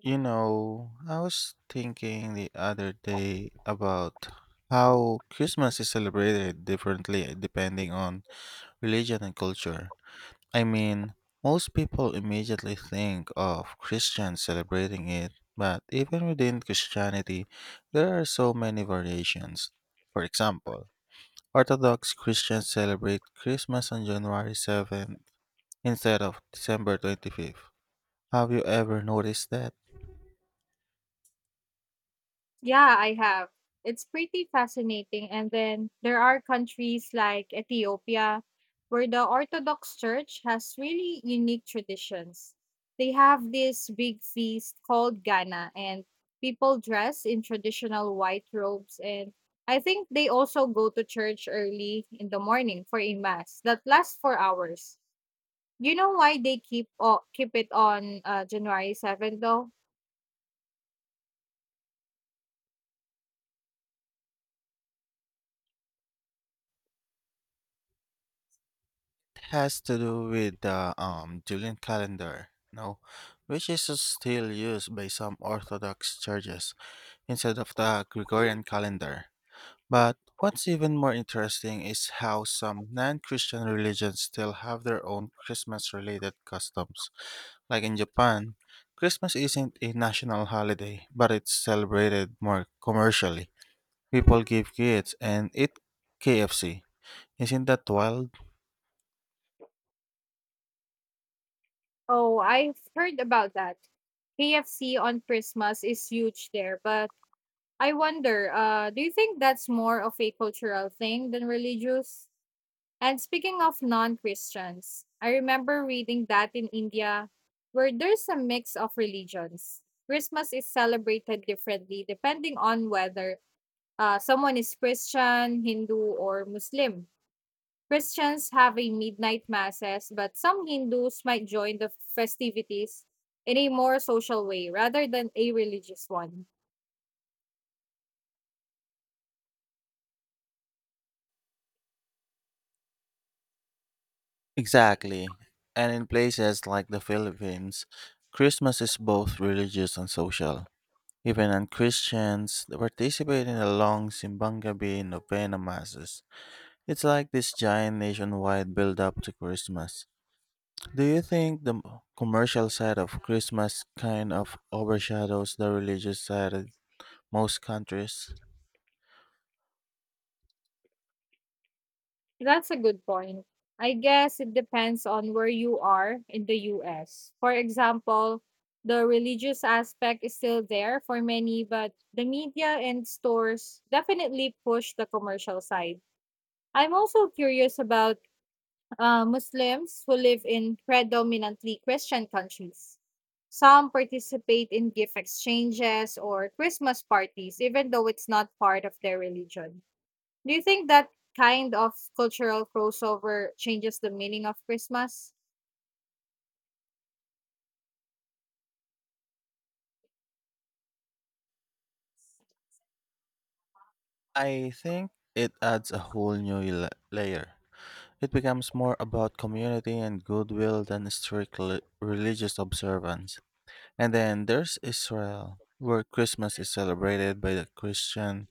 You know, I was thinking the other day about how Christmas is celebrated differently depending on religion and culture. I mean, most people immediately think of Christians celebrating it, but even within Christianity, there are so many variations. For example, Orthodox Christians celebrate Christmas on January 7th instead of December 25th. Have you ever noticed that? Yeah, I have. It's pretty fascinating. And then there are countries like Ethiopia where the Orthodox Church has really unique traditions. They have this big feast called Ghana, and people dress in traditional white robes. And I think they also go to church early in the morning for a mass that lasts for hours. You know why they keep it on January 7th though? Has to do with the Julian calendar, no, which is still used by some Orthodox churches instead of the Gregorian calendar. But what's even more interesting is how some non Christian religions still have their own Christmas related customs. Like in Japan, Christmas isn't a national holiday, but it's celebrated more commercially. People give gifts and eat KFC. Isn't that wild? Oh, I've heard about that. KFC on Christmas is huge there, but I wonder, do you think that's more of a cultural thing than religious? And speaking of non-Christians, I remember reading that in India, where there's a mix of religions. Christmas is celebrated differently depending on whether someone is Christian, Hindu, or Muslim. Christians have a midnight masses, but some Hindus might join the festivities in a more social way rather than a religious one. Exactly. And in places like the Philippines, Christmas is both religious and social. Even on Christians they participate in the long Simbang Gabi and Novena masses. It's like this giant nationwide build up to Christmas. Do you think the commercial side of Christmas kind of overshadows the religious side of most countries? That's a good point. I guess it depends on where you are in the US. For example, the religious aspect is still there for many, but the media and stores definitely push the commercial side. I'm also curious about Muslims who live in predominantly Christian countries. Some participate in gift exchanges or Christmas parties, even though it's not part of their religion. Do you think that kind of cultural crossover changes the meaning of Christmas? I think it adds a whole new layer. It becomes more about community and goodwill than strict religious observance. And then there's Israel, where Christmas is celebrated by the Christian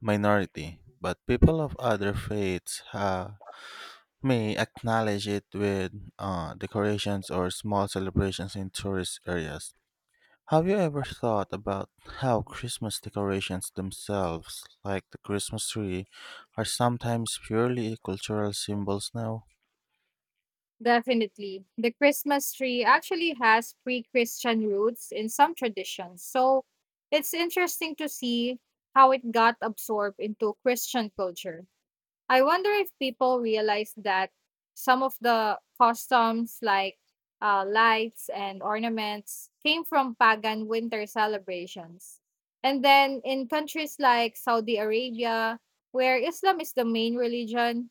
minority, but people of other faiths may acknowledge it with decorations or small celebrations in tourist areas. Have you ever thought about how Christmas decorations themselves, like the Christmas tree, are sometimes purely cultural symbols now? Definitely. The Christmas tree actually has pre Christian roots in some traditions, so it's interesting to see how it got absorbed into Christian culture. I wonder if people realize that some of the customs, like lights and ornaments, came from pagan winter celebrations. And then in countries like Saudi Arabia, where Islam is the main religion,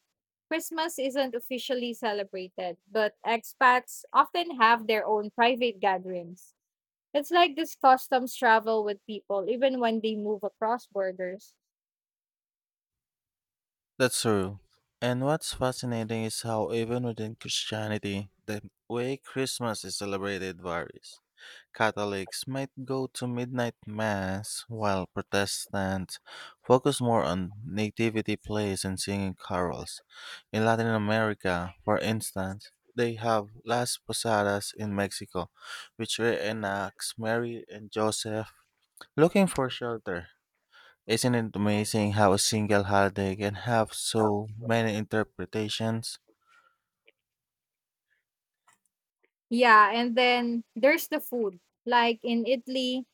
Christmas isn't officially celebrated, but expats often have their own private gatherings. It's like these customs travel with people even when they move across borders. That's true. And what's fascinating is how, even within Christianity, the way Christmas is celebrated varies. Catholics might go to midnight mass, while Protestants focus more on nativity plays and singing carols. In Latin America, for instance, they have Las Posadas in Mexico, which reenacts Mary and Joseph looking for shelter. Isn't it amazing how a single holiday can have so many interpretations? Yeah, and then there's the food. Like in Italy,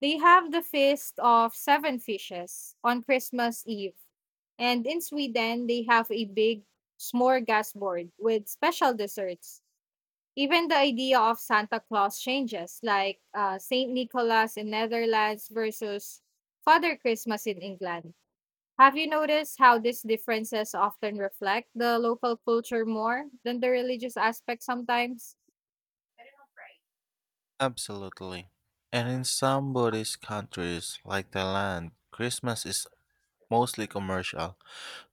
they have the feast of seven fishes on Christmas Eve. And in Sweden, they have a big smorgasbord with special desserts. Even the idea of Santa Claus changes, like St. Nicholas in Netherlands versus Father Christmas in England. Have you noticed how these differences often reflect the local culture more than the religious aspect sometimes? Absolutely. And in some Buddhist countries, like Thailand, Christmas is mostly commercial,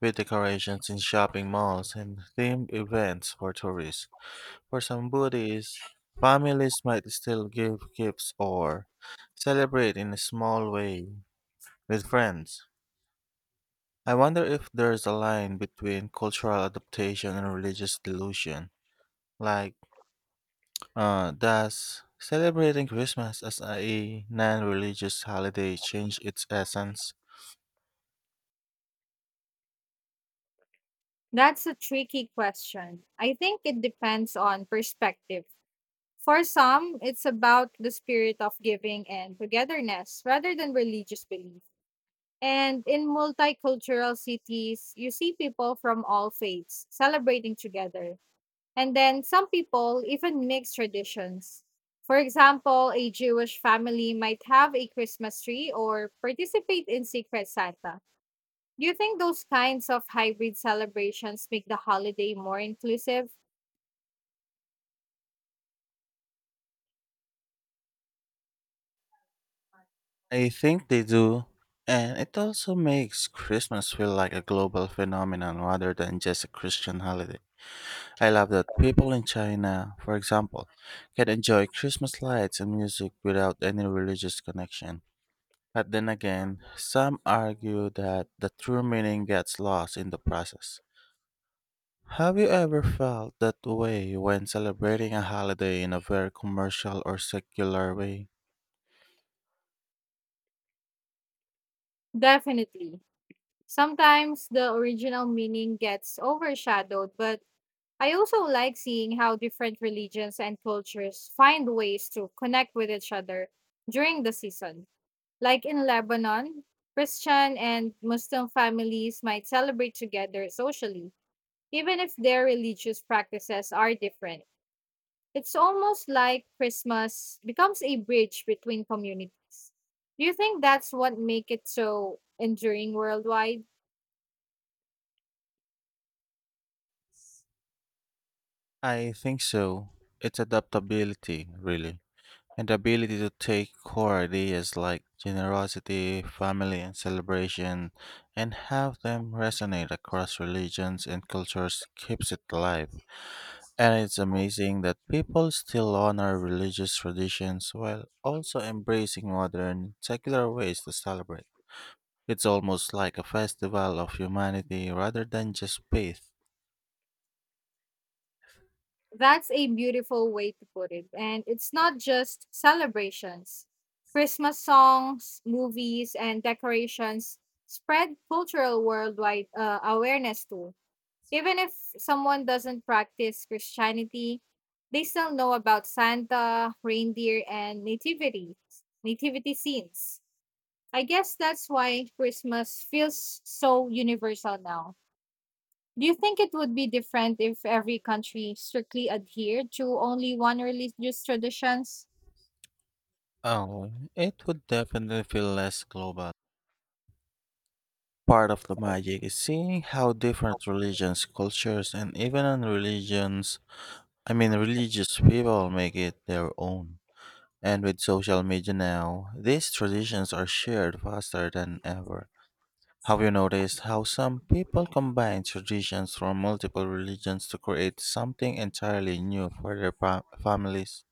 with decorations in shopping malls and themed events for tourists. For some Buddhists, families might still give gifts or celebrate in a small way with friends. I wonder if there's a line between cultural adaptation and religious delusion. Like, does celebrating Christmas as a non religious holiday change its essence? That's a tricky question. I think it depends on perspective. For some, it's about the spirit of giving and togetherness rather than religious belief. And in multicultural cities, you see people from all faiths celebrating together. And then some people even mix traditions. For example, a Jewish family might have a Christmas tree or participate in Secret Santa. Do you think those kinds of hybrid celebrations make the holiday more inclusive? I think they do. And it also makes Christmas feel like a global phenomenon rather than just a Christian holiday. I love that people in China, for example, can enjoy Christmas lights and music without any religious connection. But then again, some argue that the true meaning gets lost in the process. Have you ever felt that way when celebrating a holiday in a very commercial or secular way? Definitely. Sometimes the original meaning gets overshadowed, but I also like seeing how different religions and cultures find ways to connect with each other during the season. Like in Lebanon, Christian and Muslim families might celebrate together socially, even if their religious practices are different. It's almost like Christmas becomes a bridge between communities. Do you think that's what make it so enduring worldwide? I think so. It's adaptability, really, and the ability to take core ideas like generosity, family, and celebration and have them resonate across religions and cultures keeps it alive. And it's amazing that people still honor religious traditions while also embracing modern, secular ways to celebrate. It's almost like a festival of humanity rather than just faith. That's a beautiful way to put it. And it's not just celebrations. Christmas songs, movies, and decorations spread cultural worldwide awareness too. Even if someone doesn't practice Christianity, they still know about Santa, reindeer, and nativity scenes. I guess that's why Christmas feels so universal now. Do you think it would be different if every country strictly adhered to only one religious traditions? Oh, it would definitely feel less global. Part of the magic is seeing how different religions, cultures, and even unreligions, I mean religious people make it their own. And with social media now, these traditions are shared faster than ever. Have you noticed how some people combine traditions from multiple religions to create something entirely new for their families?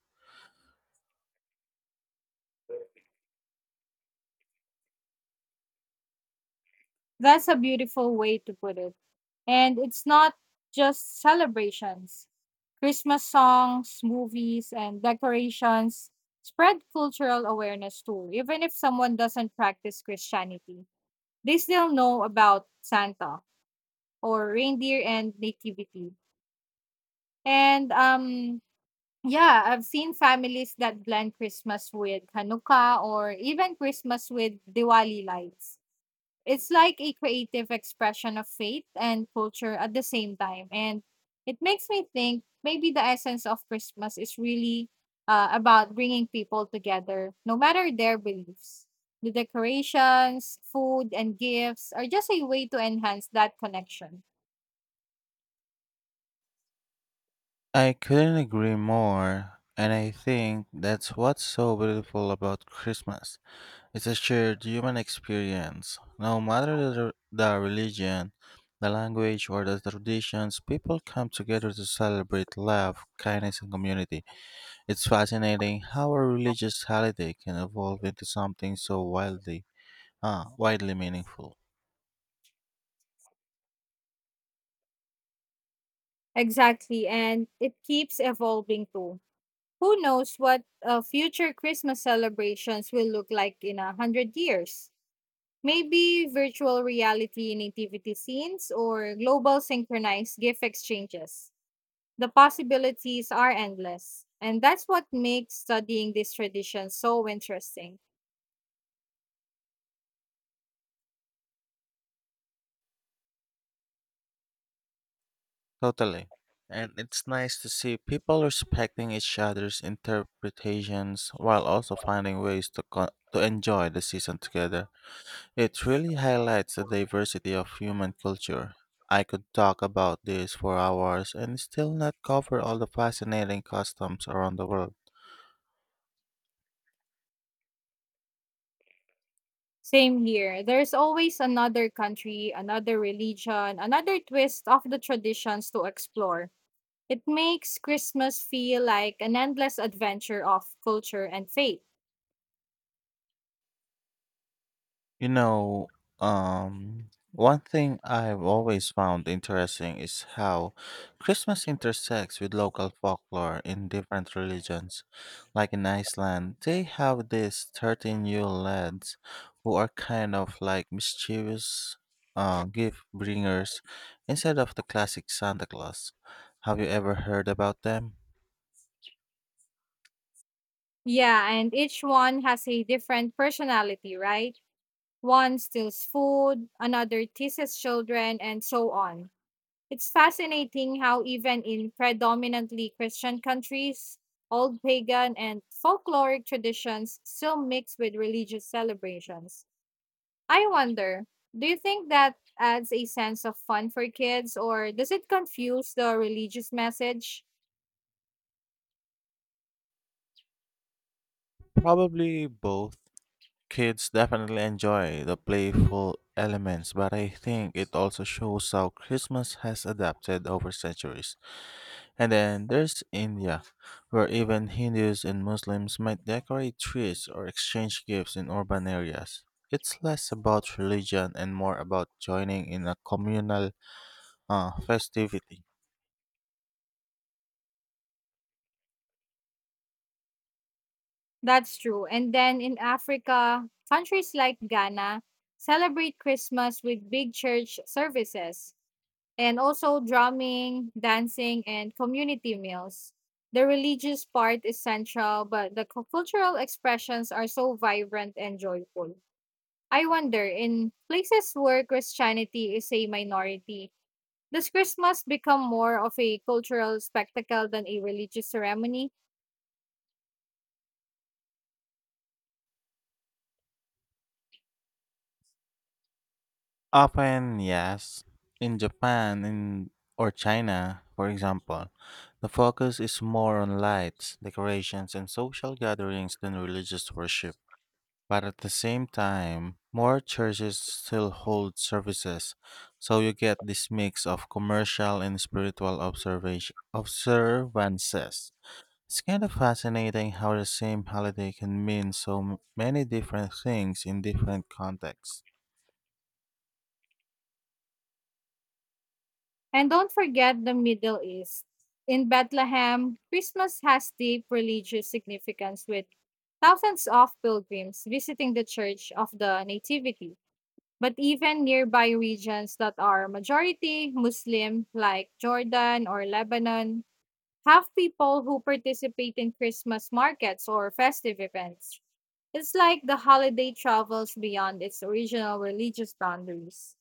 That's a beautiful way to put it. And it's not just celebrations. Christmas songs, movies, and decorations spread cultural awareness too. Even if someone doesn't practice Christianity, they still know about Santa or reindeer and nativity. And yeah, I've seen families that blend Christmas with Hanukkah or even Christmas with Diwali lights. It's like a creative expression of faith and culture at the same time. And it makes me think maybe the essence of Christmas is really about bringing people together, no matter their beliefs. The decorations, food, and gifts are just a way to enhance that connection. I couldn't agree more, and I think that's what's so beautiful about Christmas. It's a shared human experience. No matter the religion, the language, or the traditions, people come together to celebrate love, kindness, and community. It's fascinating how a religious holiday can evolve into something so widely meaningful. Exactly. And it keeps evolving too. Who knows what future Christmas celebrations will look like in a hundred years? Maybe virtual reality nativity scenes or global synchronized gift exchanges. The possibilities are endless. And that's what makes studying this tradition so interesting. Totally. And it's nice to see people respecting each other's interpretations while also finding ways to enjoy the season together. It really highlights the diversity of human culture. I could talk about this for hours and still not cover all the fascinating customs around the world. Same here. There's always another country, another religion, another twist of the traditions to explore. It makes Christmas feel like an endless adventure of culture and faith. You know, one thing I've always found interesting is how Christmas intersects with local folklore in different religions. Like in Iceland, they have these 13 Yule lads who are kind of like mischievous gift bringers instead of the classic Santa Claus. Have you ever heard about them? Yeah, and each one has a different personality, right? One steals food, another teases children, and so on. It's fascinating how, even in predominantly Christian countries, old pagan and folkloric traditions still mix with religious celebrations. I wonder, do you think that adds a sense of fun for kids, or does it confuse the religious message? Probably both. Kids definitely enjoy the playful elements, but I think it also shows how Christmas has adapted over centuries. And then there's India, where even Hindus and Muslims might decorate trees or exchange gifts in urban areas. It's less about religion and more about joining in a communal festivity. That's true. And then in Africa, countries like Ghana celebrate Christmas with big church services and also drumming, dancing, and community meals. The religious part is central, but the cultural expressions are so vibrant and joyful. I wonder, in places where Christianity is a minority, does Christmas become more of a cultural spectacle than a religious ceremony? Often, yes. In Japan in, or China, for example, the focus is more on lights, decorations, and social gatherings than religious worship. But at the same time, more churches still hold services, so you get this mix of commercial and spiritual observation observances. It's kind of fascinating how the same holiday can mean many different things in different contexts. And don't forget the Middle East. In Bethlehem, Christmas has deep religious significance with thousands of pilgrims visiting the Church of the Nativity. But even nearby regions that are majority Muslim, like Jordan or Lebanon, have people who participate in Christmas markets or festive events. It's like the holiday travels beyond its original religious boundaries.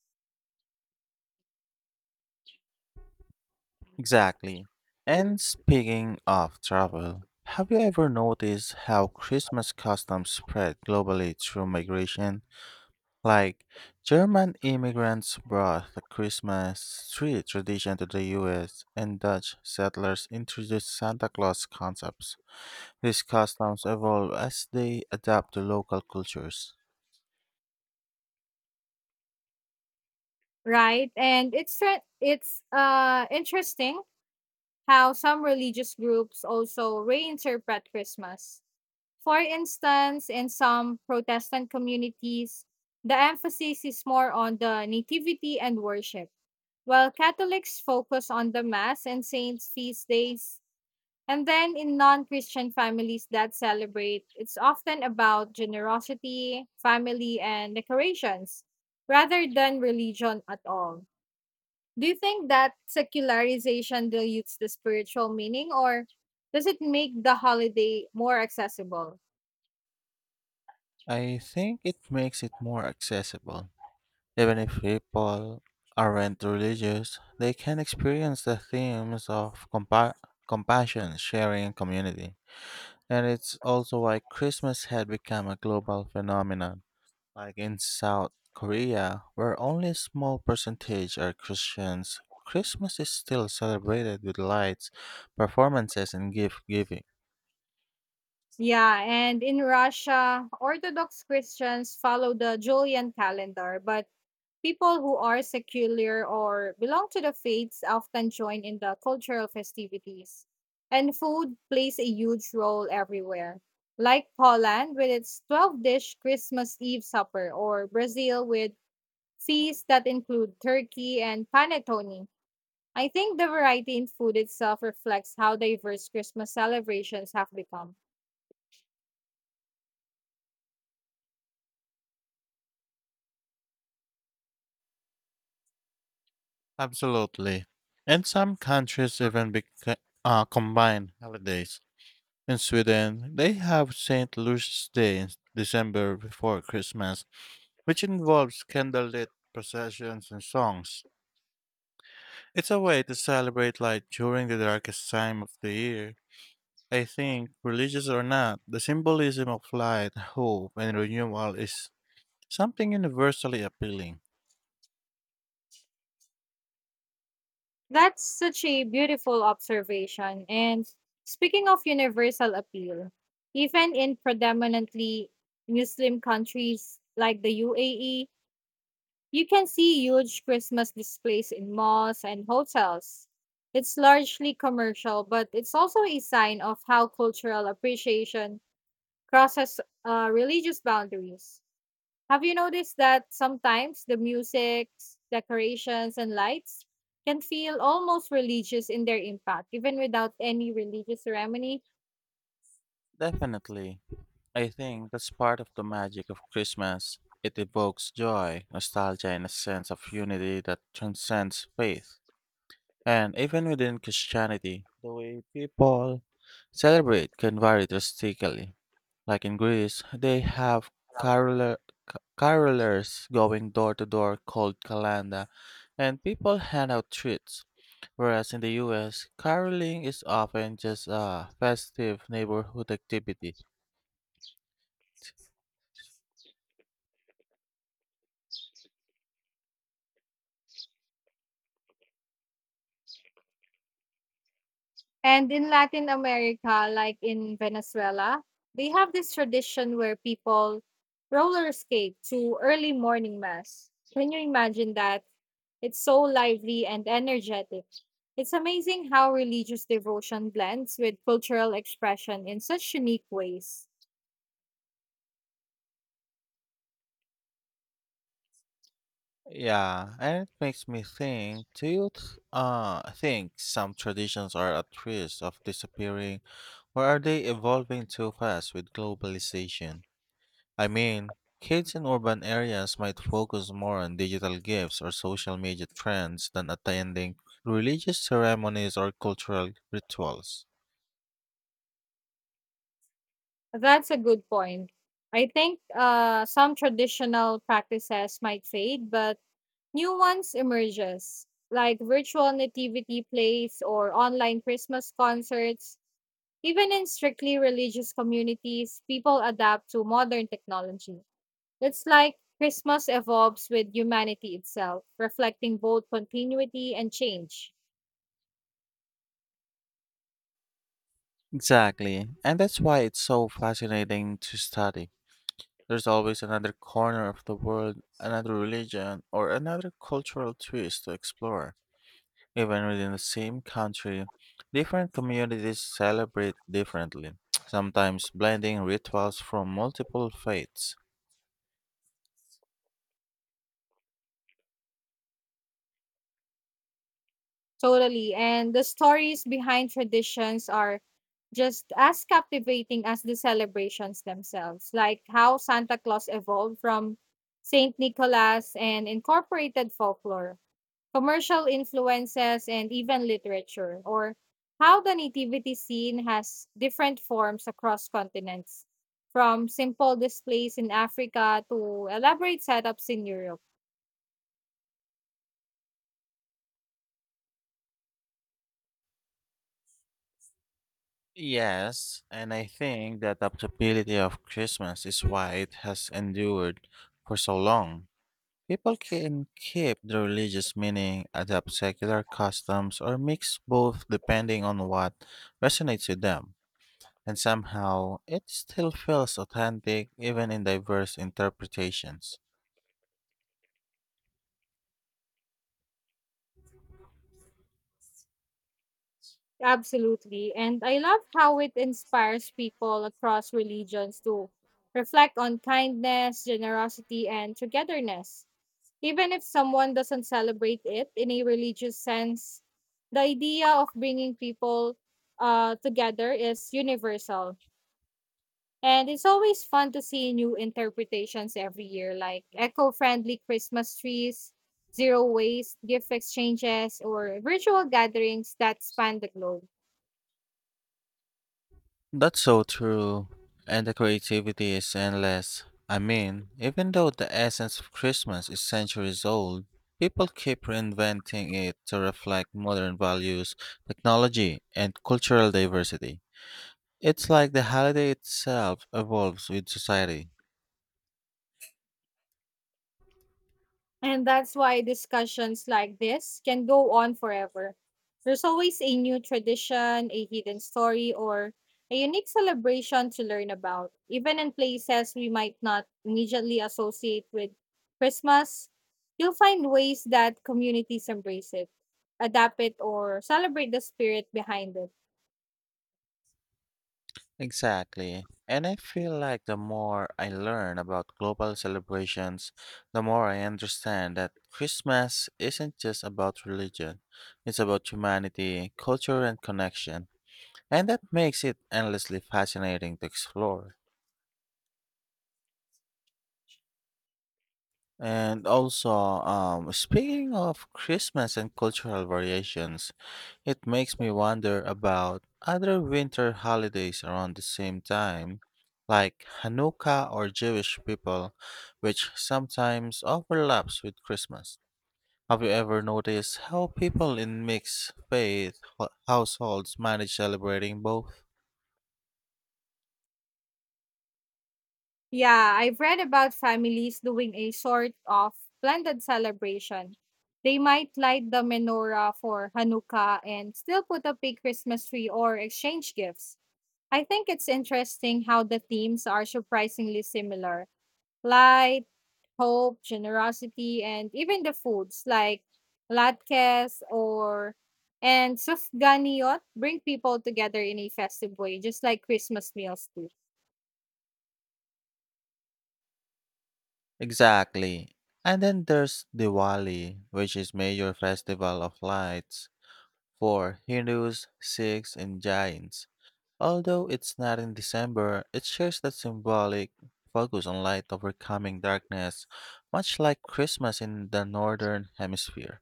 Exactly. And speaking of travel, have you ever noticed how Christmas customs spread globally through migration? Like, German immigrants brought the Christmas tree tradition to the US, and Dutch settlers introduced Santa Claus concepts. These customs evolve as they adapt to local cultures. Right, and it's interesting how some religious groups also reinterpret Christmas. For instance, in some Protestant communities, the emphasis is more on the nativity and worship, while Catholics focus on the mass and saints feast days. And then in non-Christian families that celebrate, it's often about generosity, family, and decorations rather than religion at all. Do you think that secularization dilutes the spiritual meaning, or does it make the holiday more accessible? I think it makes it more accessible. Even if people aren't religious, they can experience the themes of compassion, sharing, and community. And it's also why Christmas had become a global phenomenon. Like in South Korea, where only a small percentage are Christians, Christmas is still celebrated with lights, performances, and gift giving. Yeah, and in Russia, Orthodox Christians follow the Julian calendar, but people who are secular or belong to the faiths often join in the cultural festivities. And food plays a huge role everywhere, like Poland with its 12 dish Christmas Eve supper, or Brazil with feasts that include turkey and panettone. I think the variety in food itself reflects how diverse Christmas celebrations have become. Absolutely. And some countries even combine holidays. In Sweden, they have St. Lucia's Day in December before Christmas, which involves candlelit processions and songs. It's a way to celebrate light during the darkest time of the year. I think, religious or not, the symbolism of light, hope, and renewal is something universally appealing. That's such a beautiful observation. And speaking of universal appeal, even in predominantly Muslim countries like the UAE, you can see huge Christmas displays in malls and hotels. It's largely commercial, but it's also a sign of how cultural appreciation crosses religious boundaries. Have you noticed that sometimes the music, decorations, and lights can feel almost religious in their impact, even without any religious ceremony? Definitely. I think that's part of the magic of Christmas. It evokes joy, nostalgia, and a sense of unity that transcends faith. And even within Christianity, the way people celebrate can vary drastically. Like in Greece, they have caroler, carolers going door to door called kalanda, and people hand out treats. Whereas in the US, caroling is often just a festive neighborhood activity. And in Latin America, like in Venezuela, they have this tradition where people roller skate to early morning mass. Can you imagine that? It's so lively and energetic. It's amazing how religious devotion blends with cultural expression in such unique ways. Yeah, and it makes me think, do you think some traditions are at risk of disappearing? Or are they evolving too fast with globalization? I mean, kids in urban areas might focus more on digital gifts or social media trends than attending religious ceremonies or cultural rituals. That's a good point. I think some traditional practices might fade, but new ones emerges, like virtual nativity plays or online Christmas concerts. Even in strictly religious communities, people adapt to modern technology. It's like Christmas evolves with humanity itself, reflecting both continuity and change. Exactly, and that's why it's so fascinating to study. There's always another corner of the world, another religion, or another cultural twist to explore. Even within the same country, different communities celebrate differently, sometimes blending rituals from multiple faiths. Totally. And the stories behind traditions are just as captivating as the celebrations themselves, like how Santa Claus evolved from St. Nicholas and incorporated folklore, commercial influences, and even literature, or how the nativity scene has different forms across continents, from simple displays in Africa to elaborate setups in Europe. Yes, and I think that the possibility of Christmas is why it has endured for so long. People can keep the religious meaning, adapt secular customs, or mix both depending on what resonates with them. And somehow, it still feels authentic even in diverse interpretations. Absolutely. And I love how it inspires people across religions to reflect on kindness, generosity, and togetherness. Even if someone doesn't celebrate it in a religious sense, the idea of bringing people together is universal. And it's always fun to see new interpretations every year, like eco friendly Christmas trees, zero waste gift exchanges, or virtual gatherings that span the globe. That's so true. And the creativity is endless. I mean, even though the essence of Christmas is centuries old, people keep reinventing it to reflect modern values, technology, and cultural diversity. It's like the holiday itself evolves with society. And that's why discussions like this can go on forever. There's always a new tradition, a hidden story, or a unique celebration to learn about. Even in places we might not immediately associate with Christmas, you'll find ways that communities embrace it, adapt it, or celebrate the spirit behind it. Exactly. And I feel like the more I learn about global celebrations, the more I understand that Christmas isn't just about religion, it's about humanity, culture, and connection. And that makes it endlessly fascinating to explore. And also, speaking of Christmas and cultural variations, it makes me wonder about other winter holidays around the same time, like Hanukkah or Jewish people, which sometimes overlaps with Christmas. Have you ever noticed how people in mixed faith households manage celebrating both? Yeah, I've read about families doing a sort of blended celebration. They might light the menorah for Hanukkah and still put up a Christmas tree or exchange gifts. I think it's interesting how the themes are surprisingly similar: light, hope, generosity, and even the foods like latkes or and sufganiyot bring people together in a festive way, just like Christmas meals do. Exactly. And then there's Diwali, which is major festival of lights for Hindus, Sikhs, and Jains. Although it's not in December, it shares that symbolic focus on light overcoming darkness, much like Christmas in the Northern Hemisphere.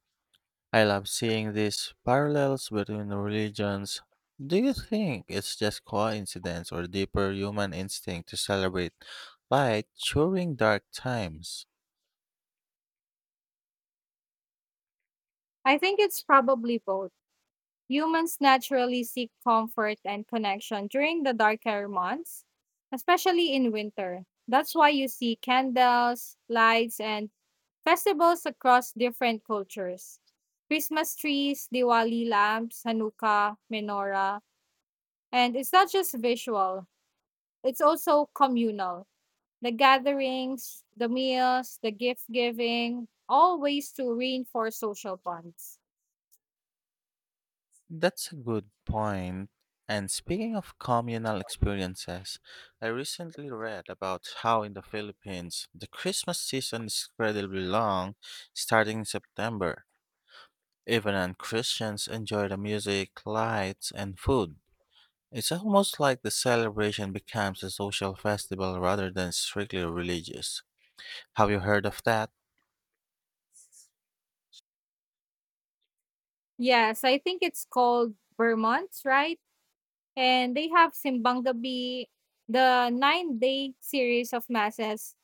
I love seeing these parallels between the religions. Do you think it's just coincidence or deeper human instinct to celebrate light during dark times? I think it's probably both. Humans naturally seek comfort and connection during the darker months, especially in winter. That's why you see candles, lights, and festivals across different cultures. Christmas trees, Diwali lamps, Hanukkah, menorah. And it's not just visual, it's also communal. The gatherings, the meals, the gift giving, all ways to reinforce social bonds. That's a good point. And speaking of communal experiences, I recently read about how in the Philippines, the Christmas season is incredibly long, starting in September. Even non Christians enjoy the music, lights, and food. It's almost like the celebration becomes a social festival rather than strictly religious. Have you heard of that? Yes, I think it's called Vermont, right? And they have Simbang Gabi, the nine-day series of masses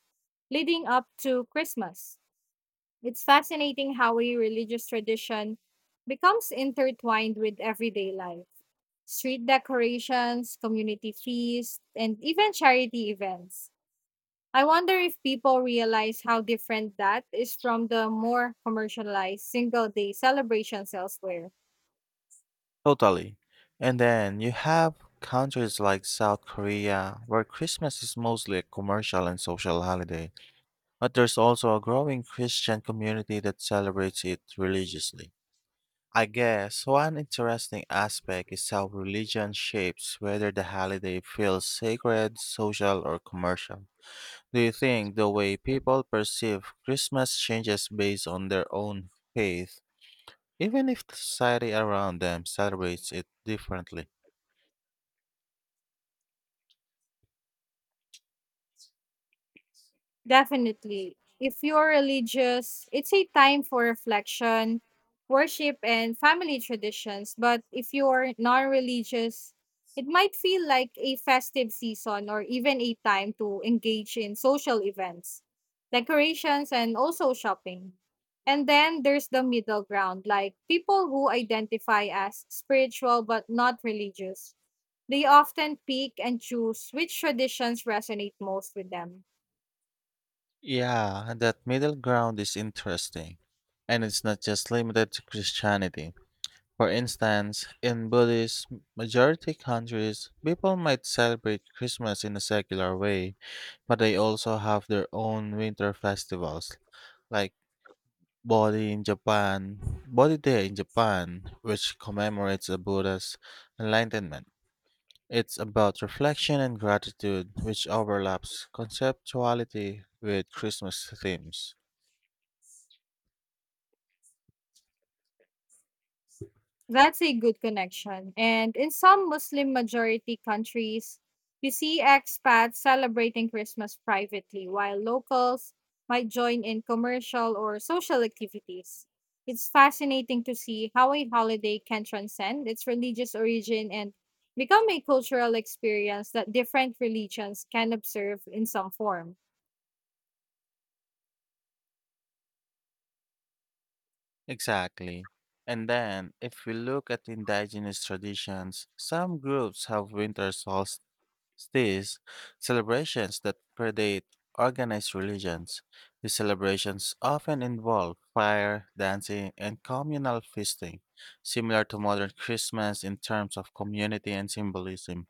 leading up to Christmas. It's fascinating how a religious tradition becomes intertwined with everyday life. Street decorations, community feasts, and even charity events. I wonder if people realize how different that is from the more commercialized single day celebrations elsewhere. Totally. And then you have countries like South Korea, where Christmas is mostly a commercial and social holiday, but there's also a growing Christian community that celebrates it religiously. I guess one interesting aspect is how religion shapes whether the holiday feels sacred, social, or commercial. Do you think the way people perceive Christmas changes based on their own faith, even if the society around them celebrates it differently? Definitely. If you're religious, it's a time for reflection, worship, and family traditions. But if you're non religious, it might feel like a festive season or even a time to engage in social events, decorations, and also shopping. And then there's the middle ground, like people who identify as spiritual but not religious. They often pick and choose which traditions resonate most with them. Yeah, that middle ground is interesting. And it's not just limited to Christianity. For instance, in Buddhist majority countries, people might celebrate Christmas in a secular way, but they also have their own winter festivals, like Bodhi Day in Japan, which commemorates the Buddha's enlightenment. It's about reflection and gratitude, which overlaps conceptuality with Christmas themes. That's a good connection. And in some Muslim majority countries, you see expats celebrating Christmas privately, while locals might join in commercial or social activities. It's fascinating to see how a holiday can transcend its religious origin and become a cultural experience that different religions can observe in some form. Exactly. And then, if we look at indigenous traditions, some groups have winter solstice celebrations that predate organized religions. These celebrations often involve fire, dancing, and communal feasting, similar to modern Christmas in terms of community and symbolism.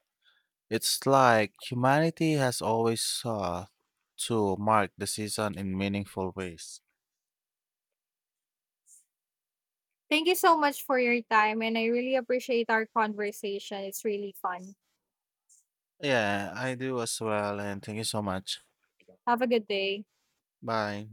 It's like humanity has always sought to mark the season in meaningful ways. Thank you so much for your time, and I really appreciate our conversation. It's really fun. Yeah, I do as well, and thank you so much. Have a good day. Bye.